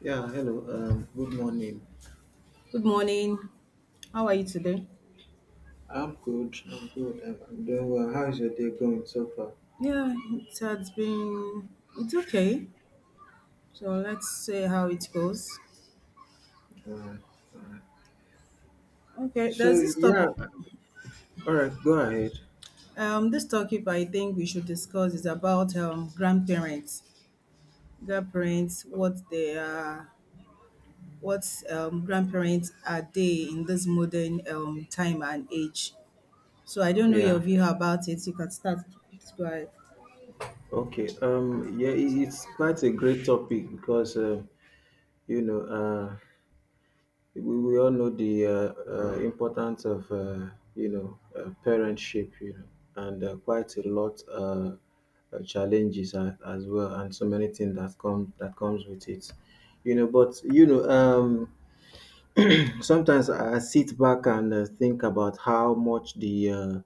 Yeah, hello. Good morning. Good morning. How are you today? I'm good. I'm good. I'm doing well. How is your day going so far? Yeah, it has been. It's okay. So let's see how it goes. All right. All right. Okay, there's So this yeah. topic. All right. Go ahead. This topic I think we should discuss is about grandparents. Grandparents, what they are, what grandparents are they in this modern time and age. So I don't know your Yeah. view about it. You can start. Please go ahead. Okay. Yeah. It's quite a great topic because you know uh, we all know the importance of parentship. You know, and quite a lot challenges as well, and so many things that comes with it. You know. Sometimes I sit back and think about how much the uh,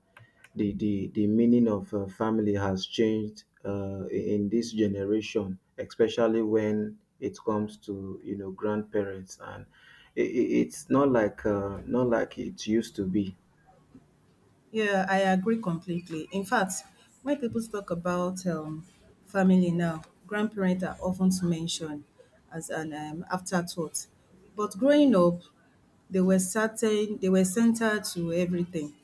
the, the the meaning of family has changed in this generation, especially when it comes to grandparents, and I it's not like not like it used to be. Yeah, I agree completely. In fact, when people talk about family now, grandparents are often mentioned as an afterthought. But growing up, they were central to everything.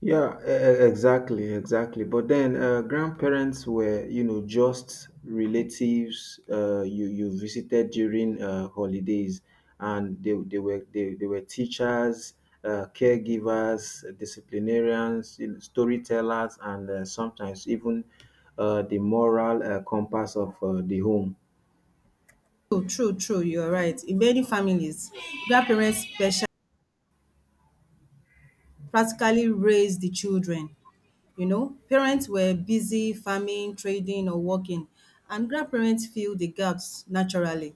Yeah, exactly. But then grandparents were, you know, just relatives you visited during holidays, and they were teachers, caregivers, disciplinarians, you know, storytellers, and sometimes even the moral compass of the home. True, true, true. You're right. In many families, grandparents special practically raised the children. You know, parents were busy farming, trading, or working, and grandparents fill the gaps naturally.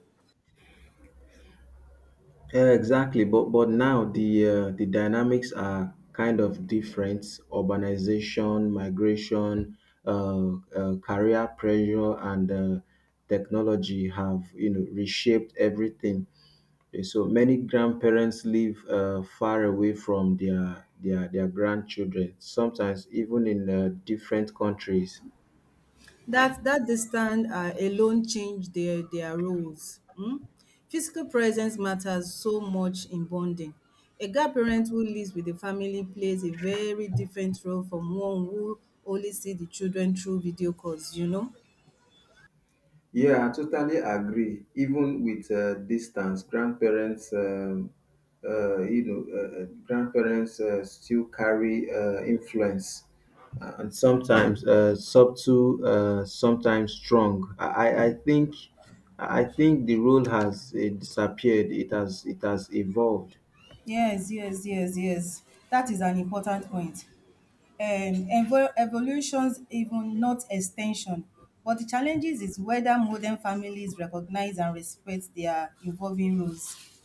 Yeah, exactly. But now the dynamics are kind of different. Urbanization, migration, career pressure, and technology have reshaped everything. Okay, so many grandparents live far away from their grandchildren. Sometimes even in different countries. That distance alone change their roles. Physical presence matters so much in bonding. A grandparent who lives with the family plays a very different role from one who only see the children through video calls, you know? Yeah, I totally agree. Even with distance, grandparents still carry influence, and sometimes subtle, sometimes strong. I think the role has disappeared. It has evolved. Yes, yes, yes, yes. That is an important point. Evolutions, even not extension. But the challenges is whether modern families recognize and respect their evolving roles.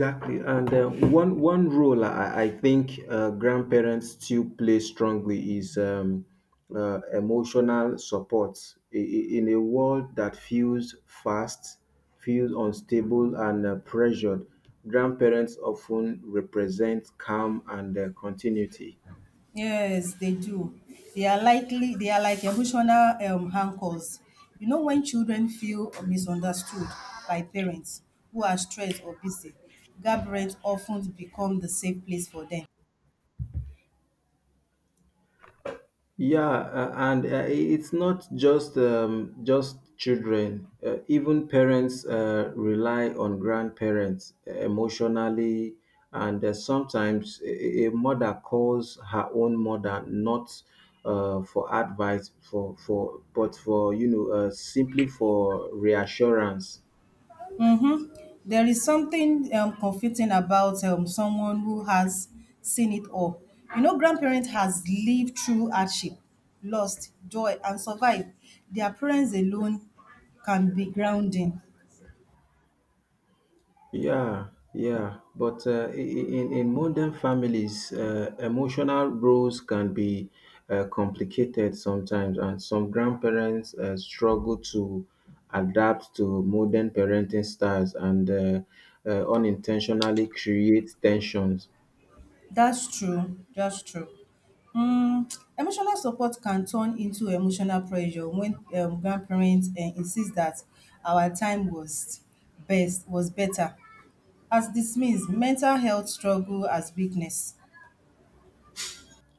Exactly, and one role I think grandparents still play strongly is emotional support in a world that feels fast, feels unstable, and pressured. Grandparents often represent calm and continuity. Yes, they do. They are like emotional anchors. You know, when children feel misunderstood by parents who are stressed or busy, grandparents often become the safe place for them. Yeah, and it's not just just children. Even parents rely on grandparents emotionally, and sometimes a mother calls her own mother not for advice, for simply for reassurance. Mm-hmm. There is something comforting about someone who has seen it all. You know, grandparent has lived through hardship, lost joy, and survived. Their parents alone can be grounding. Yeah, yeah, but in modern families, emotional roles can be complicated sometimes, and some grandparents struggle to adapt to modern parenting styles and unintentionally create tensions. That's true. That's true. Um, Emotional support can turn into emotional pressure when grandparents insist that our time was best was better as this means mental health struggle as weakness.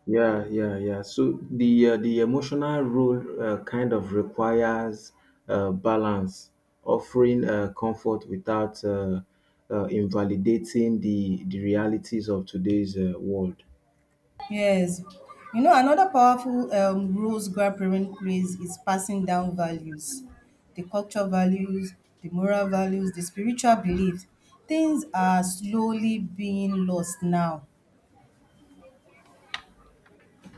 Yeah, yeah, yeah. So the emotional role kind of requires balance, offering comfort without invalidating the realities of today's world. Yes. You know, another powerful roles grandparent plays is passing down values, the cultural values, the moral values, the spiritual beliefs. Things are slowly being lost now.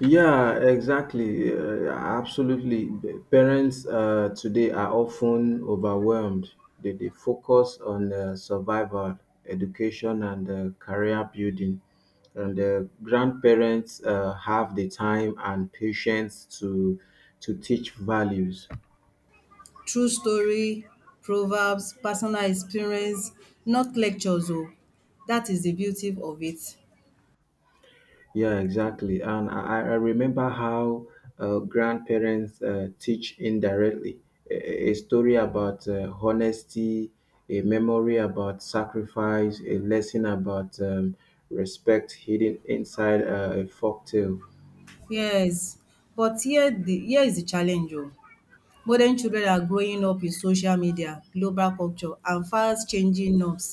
Yeah, exactly. Absolutely. The parents today are often overwhelmed. They focus on survival, education, and career building. And the grandparents have the time and patience to teach values. True story, proverbs, personal experience, not lectures oh. Dat is the beauty of it. Yeah, exactly. And I remember how grandparents teach indirectly a story about honesty, a memory about sacrifice, a lesson about respect hidden inside a folk tale. Yes, but here is the challenge oh. Modern children are growing up in social media, global culture and fast changing norms.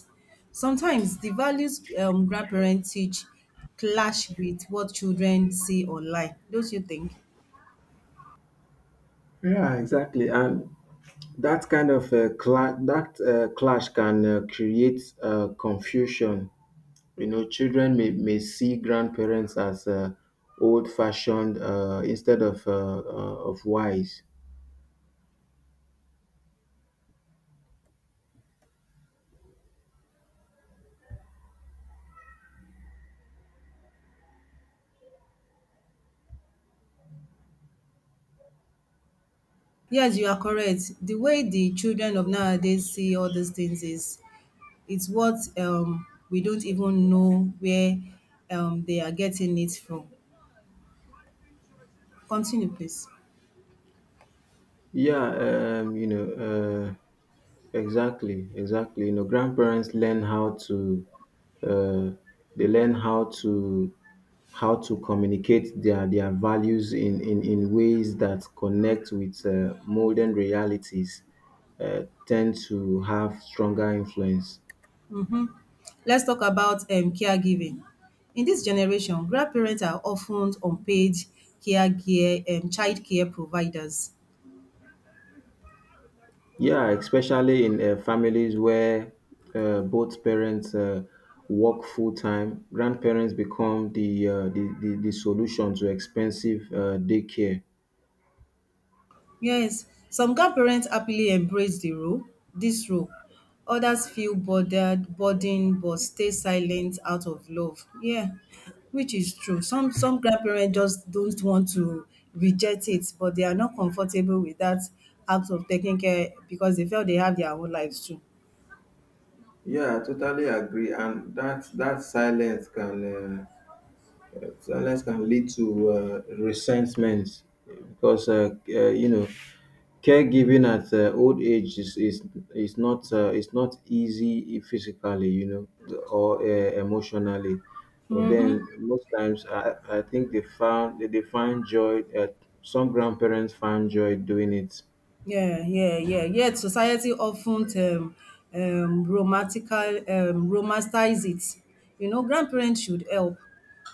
Sometimes the values grandparents teach clash with what children see online. Don't you think? Yeah, exactly. And that kind of cla- that clash can create confusion, you know, may see grandparents as old fashioned instead of wise. Yes, you are correct. The way the children of nowadays see all these things is, it's what we don't even know where they are getting it from. Continue, please. Yeah, exactly, exactly. You know, grandparents learn how to uh, they learn how to how to communicate their values in ways that connect with modern realities tend to have stronger influence. Let's talk about caregiving. In this generation, grandparents are often unpaid care, care child care providers. Yeah, especially in families where both parents work full time, grandparents become the solution to expensive daycare. Yes, some grandparents happily embrace the role, this role. Others feel bothered, burdened, but stay silent out of love. Yeah, which is true. Some grandparents just don't want to reject it, but they are not comfortable with that act of taking care because they feel they have their own lives too. Yeah, I totally agree. And that silence can lead to resentment because you know, caregiving at old age is not easy physically, you know, or emotionally. But then most times, I think they find joy. Some grandparents find joy doing it. Yeah, yeah, yeah. Yet society often um, romantical, romanticize it. You know, grandparents should help,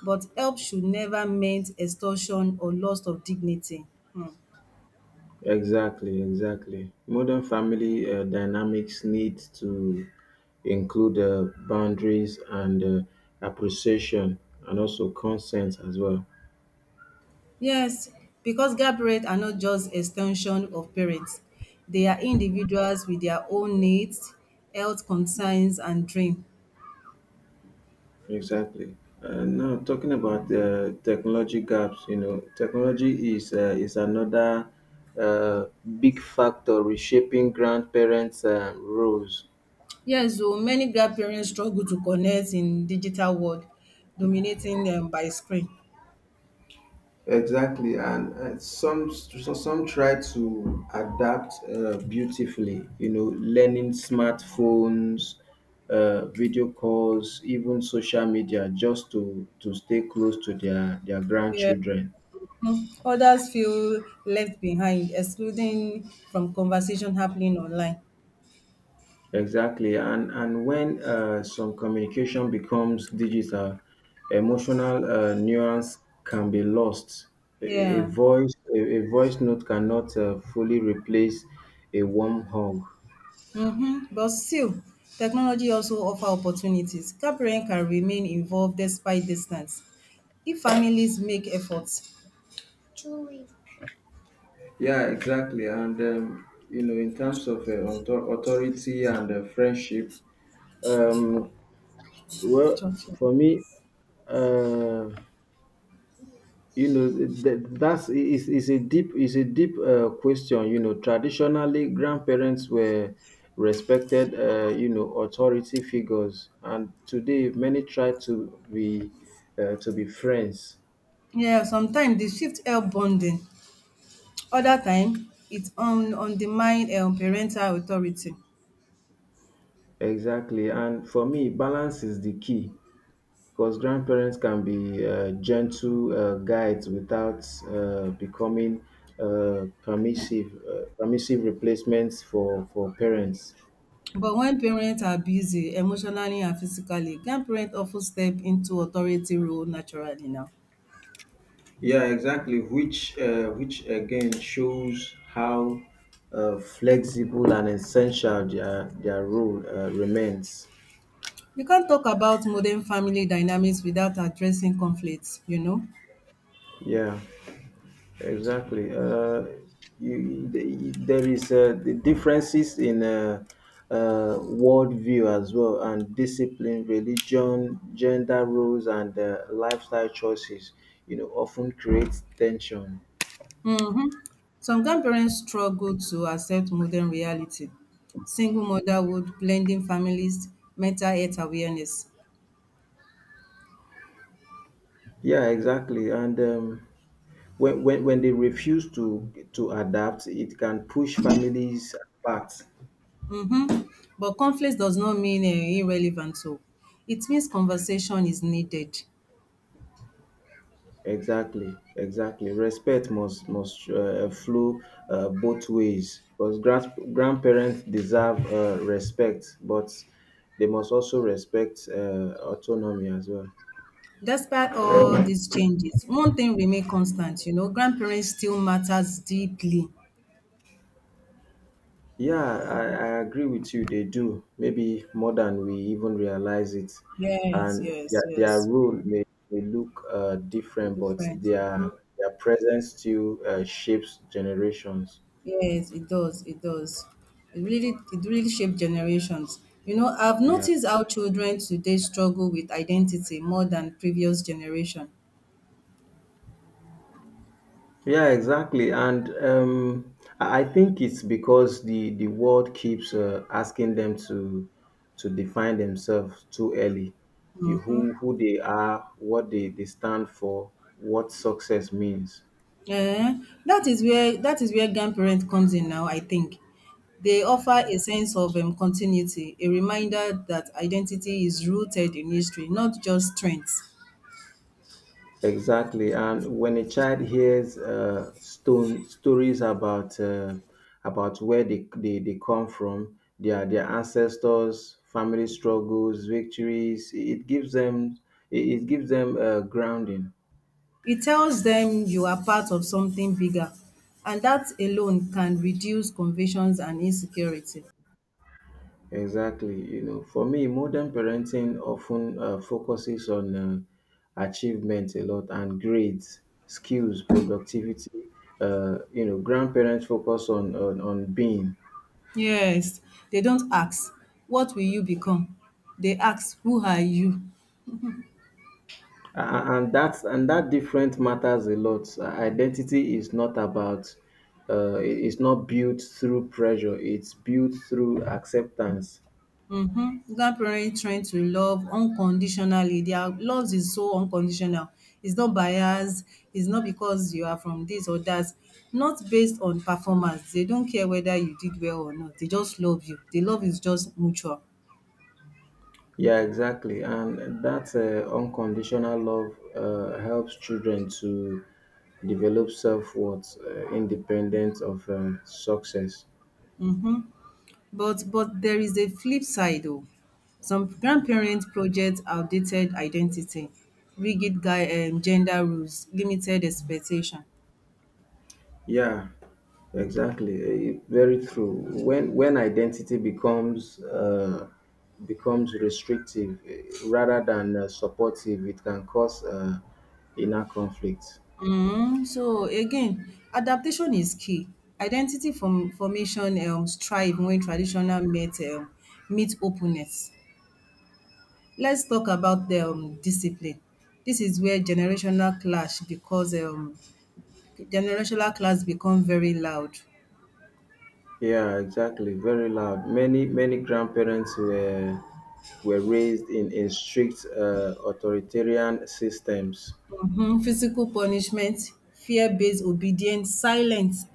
but help should never meant extortion or loss of dignity. Hmm. Exactly, exactly. Modern family dynamics need to include boundaries and appreciation, and also consent as well. Yes, because grandparents are not just extension of parents. They are individuals with their own needs, health concerns, and dream. Exactly. And now talking about technology gaps, you know, technology is another uh, big factor reshaping grandparents' roles. Yes, so many grandparents struggle to connect in digital world, dominating them by screen. Exactly, and some so some try to adapt beautifully. You know, learning smartphones, video calls, even social media, just to stay close to their Yeah. grandchildren. Others feel left behind, excluding from conversation happening online. Exactly, and when some communication becomes digital, emotional nuance can be lost. Yeah. A voice note cannot fully replace a warm hug. Mm-hmm. But still, technology also offer opportunities. Parents can remain involved despite distance. If families make efforts. Yeah, exactly, and you know, in terms of authority and friendship, um, well, Structure. for me, uh, you know, that that's is a deep question. You know, traditionally, grandparents were respected, you know, authority figures, and today many try to be friends. Yeah, sometimes the shift help bonding. Other time, it on undermine parental authority. Exactly, and for me, balance is the key because grandparents can be gentle guides without becoming permissive permissive replacements for parents. But when parents are busy emotionally and physically, grandparents often step into authority role naturally now. Yeah, exactly. Which again shows how flexible and essential their role remains. You can't talk about modern family dynamics without addressing conflicts. Yeah, exactly. There is the differences in worldview as well, and discipline, religion, gender roles, and lifestyle choices. You know, often creates tension. Mhm. Some grandparents struggle to accept modern reality. Single motherhood, blending families, mental health awareness. Yeah, exactly. And when they refuse to adapt, it can push families apart. Mhm. But conflict does not mean irrelevant. So it means conversation is needed. Exactly, exactly. Respect must flow both ways because grandparents deserve respect, but they must also respect autonomy as well. Despite all these changes, one thing remains constant, grandparents still matters deeply. Yeah, I agree with you. They do, maybe more than we even realize it. Yes, And yes, their yes. role may look different, but Different. Their presence still shapes generations. Yes, it does. It does. It really shaped generations. You know, I've Yeah. noticed how children today struggle with identity more than previous generation. Yeah, exactly. And I think it's because the world keeps asking them to define themselves too early. Mm-hmm. Who they are, they stand for, what success means. Yeah, that is where grandparent comes in now, I think. They offer a sense of continuity, a reminder that identity is rooted in history, not just trends. Exactly. And when a child hears stone stories about where they come from, their ancestors, family struggles, victories, it gives them it gives them grounding. It tells them you are part of something bigger, and that alone can reduce confusions and insecurity. Exactly. You know, for me, modern parenting often focuses on achievement a lot and grades, skills, productivity. You know, grandparents focus on being. Yes, they don't ask, "What will you become?" They ask, "Who are you?" And that different matters a lot. Identity is not about it- it's not built through pressure, it's built through acceptance. Mhm. Grandparent train to love unconditionally. Their love is so unconditional. It's not biased, it's not because you are from this or that, not based on performance. They don't care whether you did well or not. They just love you. The love is just mutual. Yeah, exactly. And that unconditional love helps children to develop self-worth independent of success. Mhm. But there is a flip side oh. Some grandparents project outdated identity, rigid guy gender rules, limited expectation. Yeah, exactly, very true. When identity becomes becomes restrictive, rather than supportive, it can cause inner conflict. Mm, so again, adaptation is key. Identity formation strive when traditional meet openness. Let's talk about the discipline. This is where generational clash become very loud. Yeah, exactly. Very loud. Many many grandparents were raised in strict authoritarian systems. Mhm, physical punishment, fear-based obedience, silence.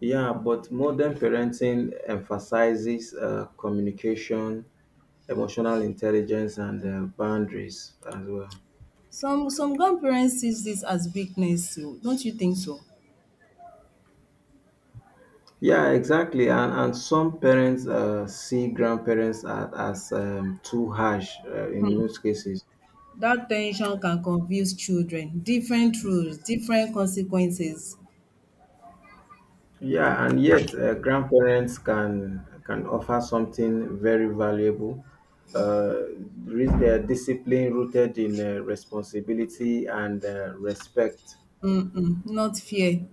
Yeah, but modern parenting emphasizes communication, emotional intelligence, and boundaries as well. Some grandparents sees this as weakness oh, don't you think so? Yeah, exactly. And some parents see grandparents as too harsh in most cases. That tension can confuse children. Different rules, different consequences. Yeah, and yet grandparents can offer something very valuable. Uh, their discipline rooted in responsibility and respect. Not fair.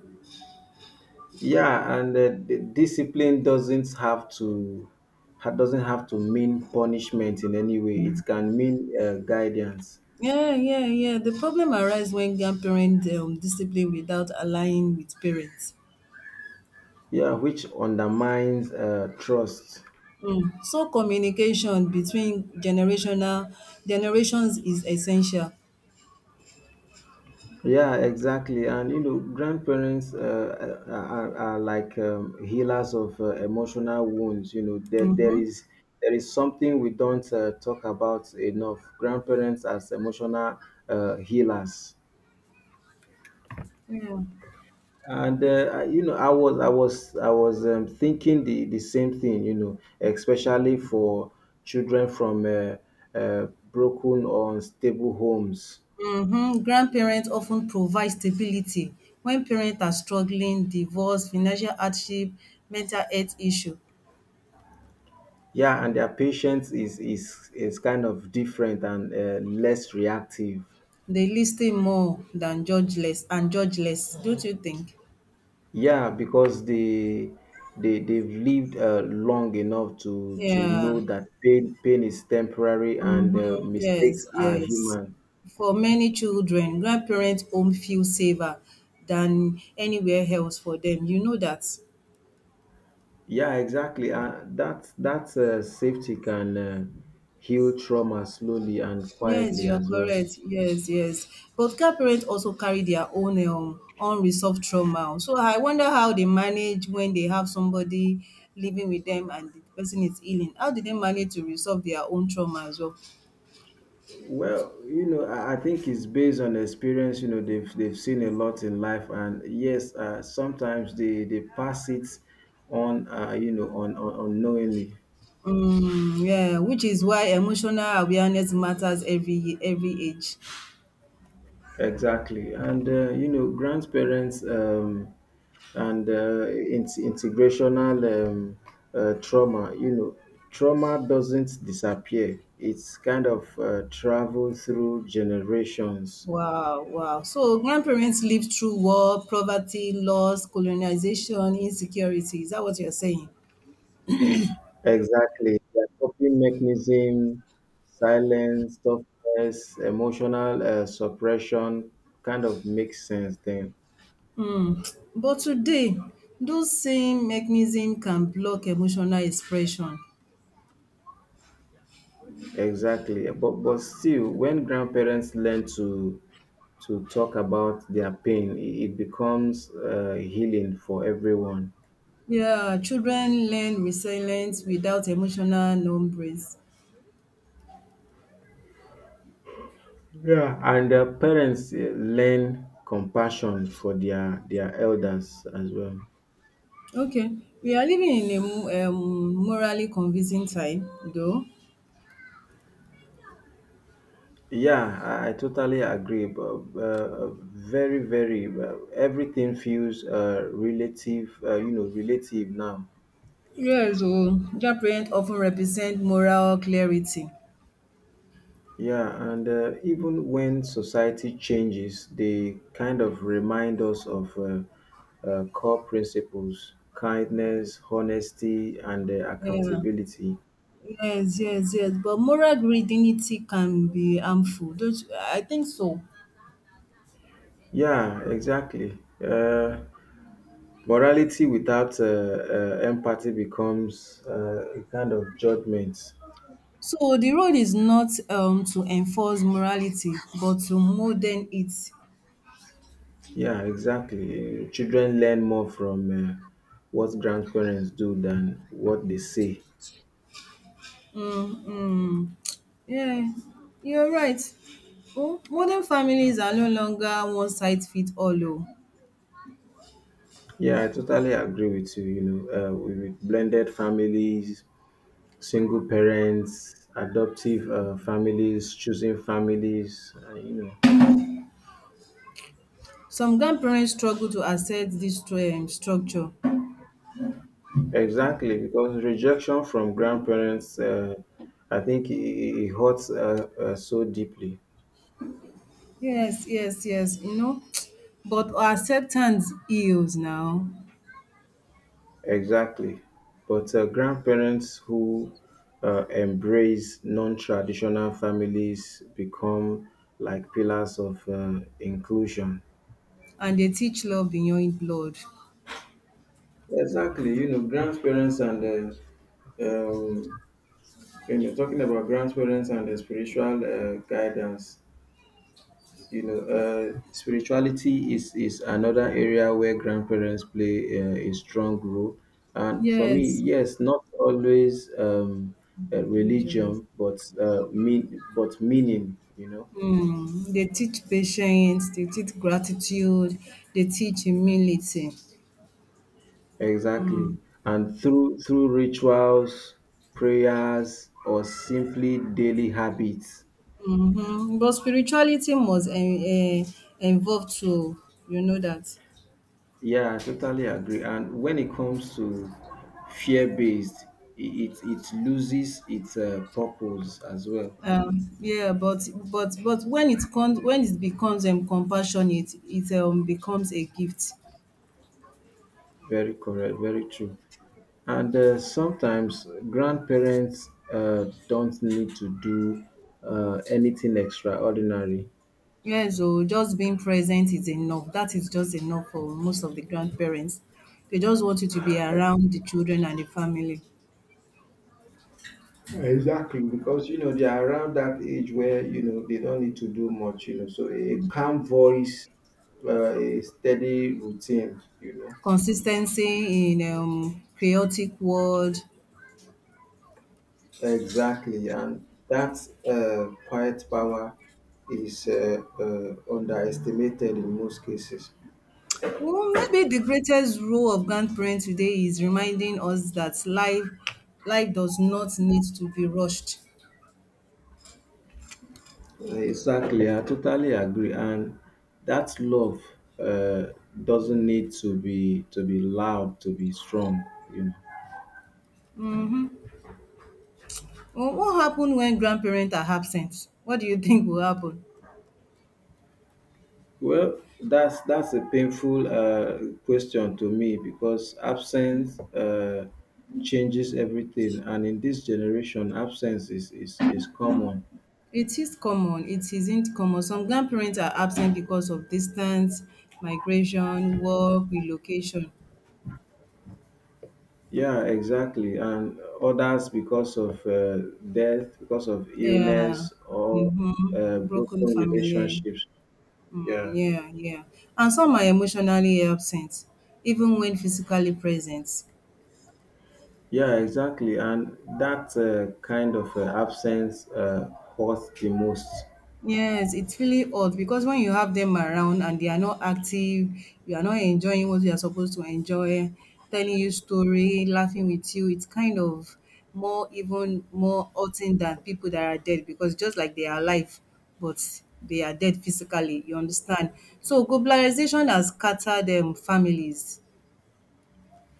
Yeah, and the discipline doesn't have to mean punishment in any way. It can mean guidance. Yeah, yeah, yeah, the problem arises when grandparents discipline without aligning with parents. Yeah, which undermines trust. um So communication between generational generations is essential. Yeah, exactly. And you know, grandparents are like healers of emotional wounds. You know, Mhm, there is something we don't talk about enough. Grandparents as emotional healers. yeah. And you know, I was thinking the same thing. You know, especially for children from broken or unstable homes. Mhm. Grandparents often provide stability when parents are struggling, divorce, financial hardship, mental health issue. Yeah, and their patience is kind of different and less reactive. They listen more than judge less and judge less. Don't you think? Yeah, because they've lived long enough to Yeah. know that pain pain is temporary and Mm-hmm. mistakes Yes, are yes. human. For many children, grandparents' home feel safer than anywhere else for them. You know that. Yeah, exactly. That safety can heal trauma slowly and Yes, quietly you are as well. correct. Yes, yes. But car parents also carry their own unresolved trauma. So I wonder how they manage when they have somebody living with them and the person is healing. How do they manage to resolve their own trauma as well? Well, you know, I think it's based on experience. You know, they've seen a lot in life, and yes, sometimes they pass it on, you know, on unknowingly. Mm, yeah, which is why emotional awareness matters every age. Exactly, and you know, grandparents integrational trauma. You know, trauma doesn't disappear. It's kind of travel through generations. Wow, wow. So grandparents lived through war, poverty, loss, colonization, insecurity. Is that what you're saying? Exactly. Their coping mechanism, silence, toughness, emotional suppression kind of makes sense then. But today, those same mechanisms can block emotional expression. Exactly. But still, when grandparents learn to talk about their pain, it becomes healing for everyone. Yeah, children learn resilience without emotional numbness. Yeah, and parents learn compassion for their elders as well. Okay, we are living in a morally confusing time, though. Yeah, I totally agree. But, very, very. Everything feels relative. You know, relative now. Yes, oh, their parents often represent moral clarity. Yeah, and even when society changes, they kind of remind us of core principles: kindness, honesty, and Yeah. accountability. Yes, yes, yes. But moral rigidity can be harmful. Don't you? I think so. Yeah, exactly. Morality without empathy becomes a kind of judgment. So the role is not to enforce morality but to modern it. Yeah, exactly. Children learn more from what grandparents do than what they say. Um, yeah, you're right. Oh, modern families are no longer one size fit all oh. Yeah, I totally agree with you. You know, with blended families, single parents, adoptive families, choosing families, Some grandparents struggle to accept dis structure. Exactly, because rejection from grandparents, I think it hurts so deeply. Yes, yes, yes. But acceptance heals now Exactly. But grandparents who embrace non-traditional families become like pillars of inclusion. and dey teach love beyond blood. Exactly. You know, grandparents and um, talking about grandparents and the spiritual guidance. You know, spirituality is another area where grandparents play a strong role, and for me, Yes. yes, not always. Mm, religion. Religion, but meaning, you know. Mm, they teach patience, they teach gratitude, they teach humility. Exactly, and through rituals, prayers, or simply daily habits. Mhm. But spirituality must en en involve too, you know that. Yeah, I totally agree. And when it comes to fear based, it loses its purpose as well. Yeah, but when it comes when it becomes compassionate, it becomes a gift. Very correct, very true. And sometimes grandparents don't need to do anything extraordinary. Yeah. So just being present is enough. That is just enough for most of the grandparents. They just want you to be around the children and the family. Exactly. Because you know they are around that age where you know they don't need to do much. You know, so a calm voice, a steady routine. You Consistency in chaotic world. know, exactly, and that quiet power is underestimated in most cases. Well, maybe the greatest role of grandparents today is reminding us that life does not need to be rushed. Exactly, I totally agree. And that love uh, doesn't need to be loud, to be strong. You know. Well, what happens when grandparents are absent? What do you think will happen? Well, that's a painful question to me, because absence changes everything, and in this generation, absence is common. It is common. It isn't common. Some grandparents are absent because of distance, migration, work, relocation. Yeah, exactly. And others because of death, because of Yeah. illness, or Mm-hmm. Broken broken family. relationships. Mm, Yeah. yeah, yeah. And some are emotionally absent, even when physically present. Yeah, exactly. And that kind of absence hurts the most. Yes, it's really odd because when you have them around and they are not active, you are not enjoying what you are supposed to enjoy, telling you story, laughing with you, it's kind of more even more hurting than people that are dead because just like they are alive, but they are dead physically, you understand? So globalization has scattered families.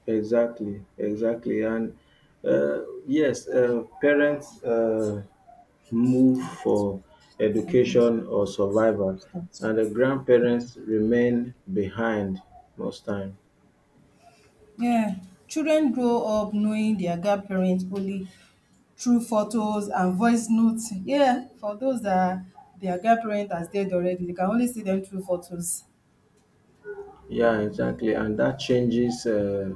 Exactly, exactly. And yes, parents move Like, for I don't education or survival, understand. and the grandparents remain behind most time. Yeah, children grow up knowing their grandparents only through photos and voice notes. Yeah, for those that their grandparent has dead already, they can only see them through photos. Yeah, exactly. And that changes uh,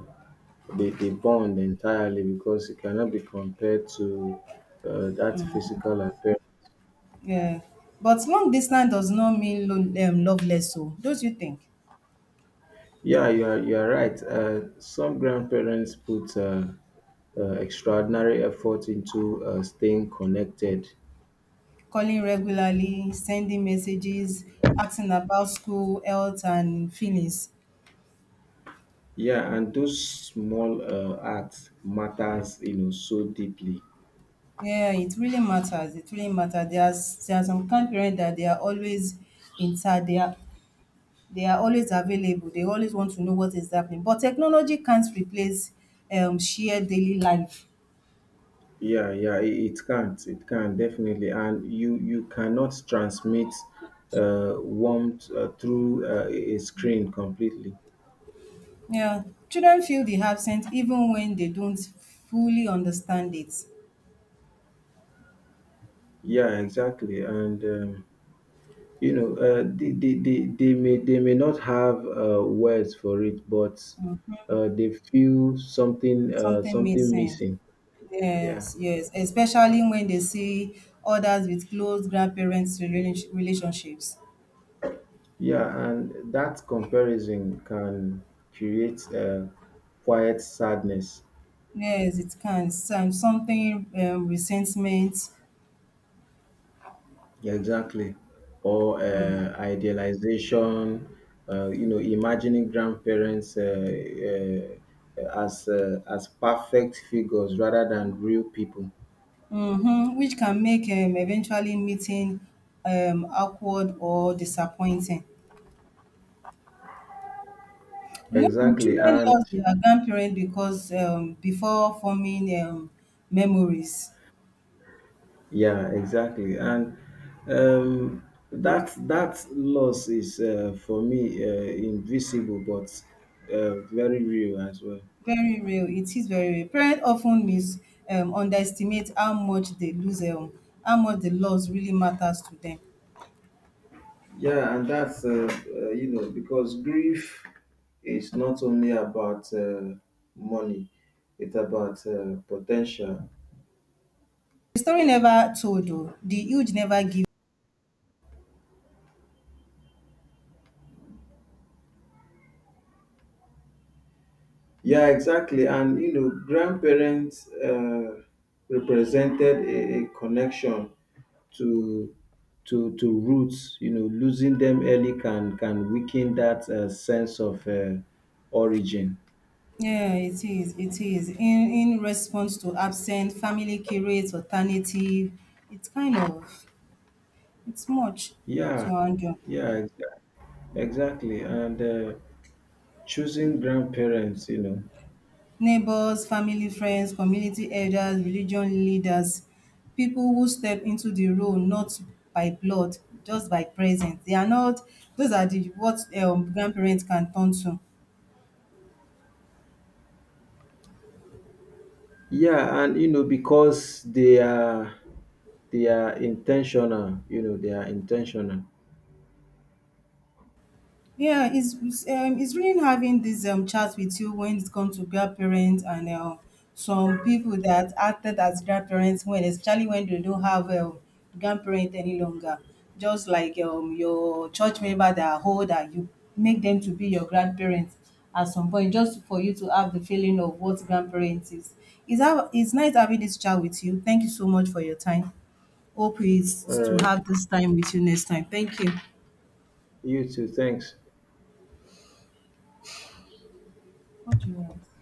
the, the bond entirely, because it cannot be compared to that physical appearance. Yeah. But long distance does not mean loveless. So, don't you think? Yeah, you are right. Some grandparents put extraordinary effort into staying connected. Calling regularly, sending messages, asking about school, health, and feelings. Yeah, and those small acts matters, you know, so deeply. Yeah, it really matters. It really matters. There are some kind parents that they are always in touch. They are always available. They always want to know what is happening. But technology can't replace shared daily life. Yeah, yeah, it can't, it can definitely, and you cannot transmit warmth through a screen completely. Yeah, children feel the absence even when they don't fully understand it. Yeah, exactly, and. You know, they may not have words for it, but they feel something, Something something missing. missing. Yeah, Yes, yes, especially when they see others with close grandparents' relationships. yeah, and that comparison can create quiet sadness. Yes, it can. Some something Resentment, Yeah, exactly, or idealization. You know, imagining grandparents as perfect figures rather than real people. mm-hmm, which can make eventually meeting awkward or disappointing. Yeah, Exactly, children and love their grandparents because before forming memories, yeah, exactly. And um, that that loss is, for me, invisible, but very real as well. very real. It is very real. Parents often mis underestimate how much they lose, how much the loss really matters to them. Yeah, and that's you know, because grief is not only about money; it's about potential. The story never told, though. The huge never give. Yeah, exactly. And you know, grandparents represented a connection to roots. You know, losing them early can weaken that sense of origin. Yeah, it is. It is. In response to absent, family creates alternative. It's kind of it's much to Yeah, handle. yeah, exactly. And choosing grandparents, you know. Neighbors, family, friends, community elders, religion leaders, people who step into the role not by blood, just by presence. They are not, those are the what grandparents can turn to. Yeah, and you know, because they are intentional. You know, they are intentional. Yeah, it's really having this chat with you when it comes to grandparents and some people that acted as grandparents especially when they don't have a grandparent any longer. Just like your church member that are old and you make them to be your grandparents at some point, just for you to have the feeling of what grandparents is. It's nice having this chat with you. Thank you so much for your time. Hope All is to right, have this time with you next time. Thank you. you too. Thanks. What do you want?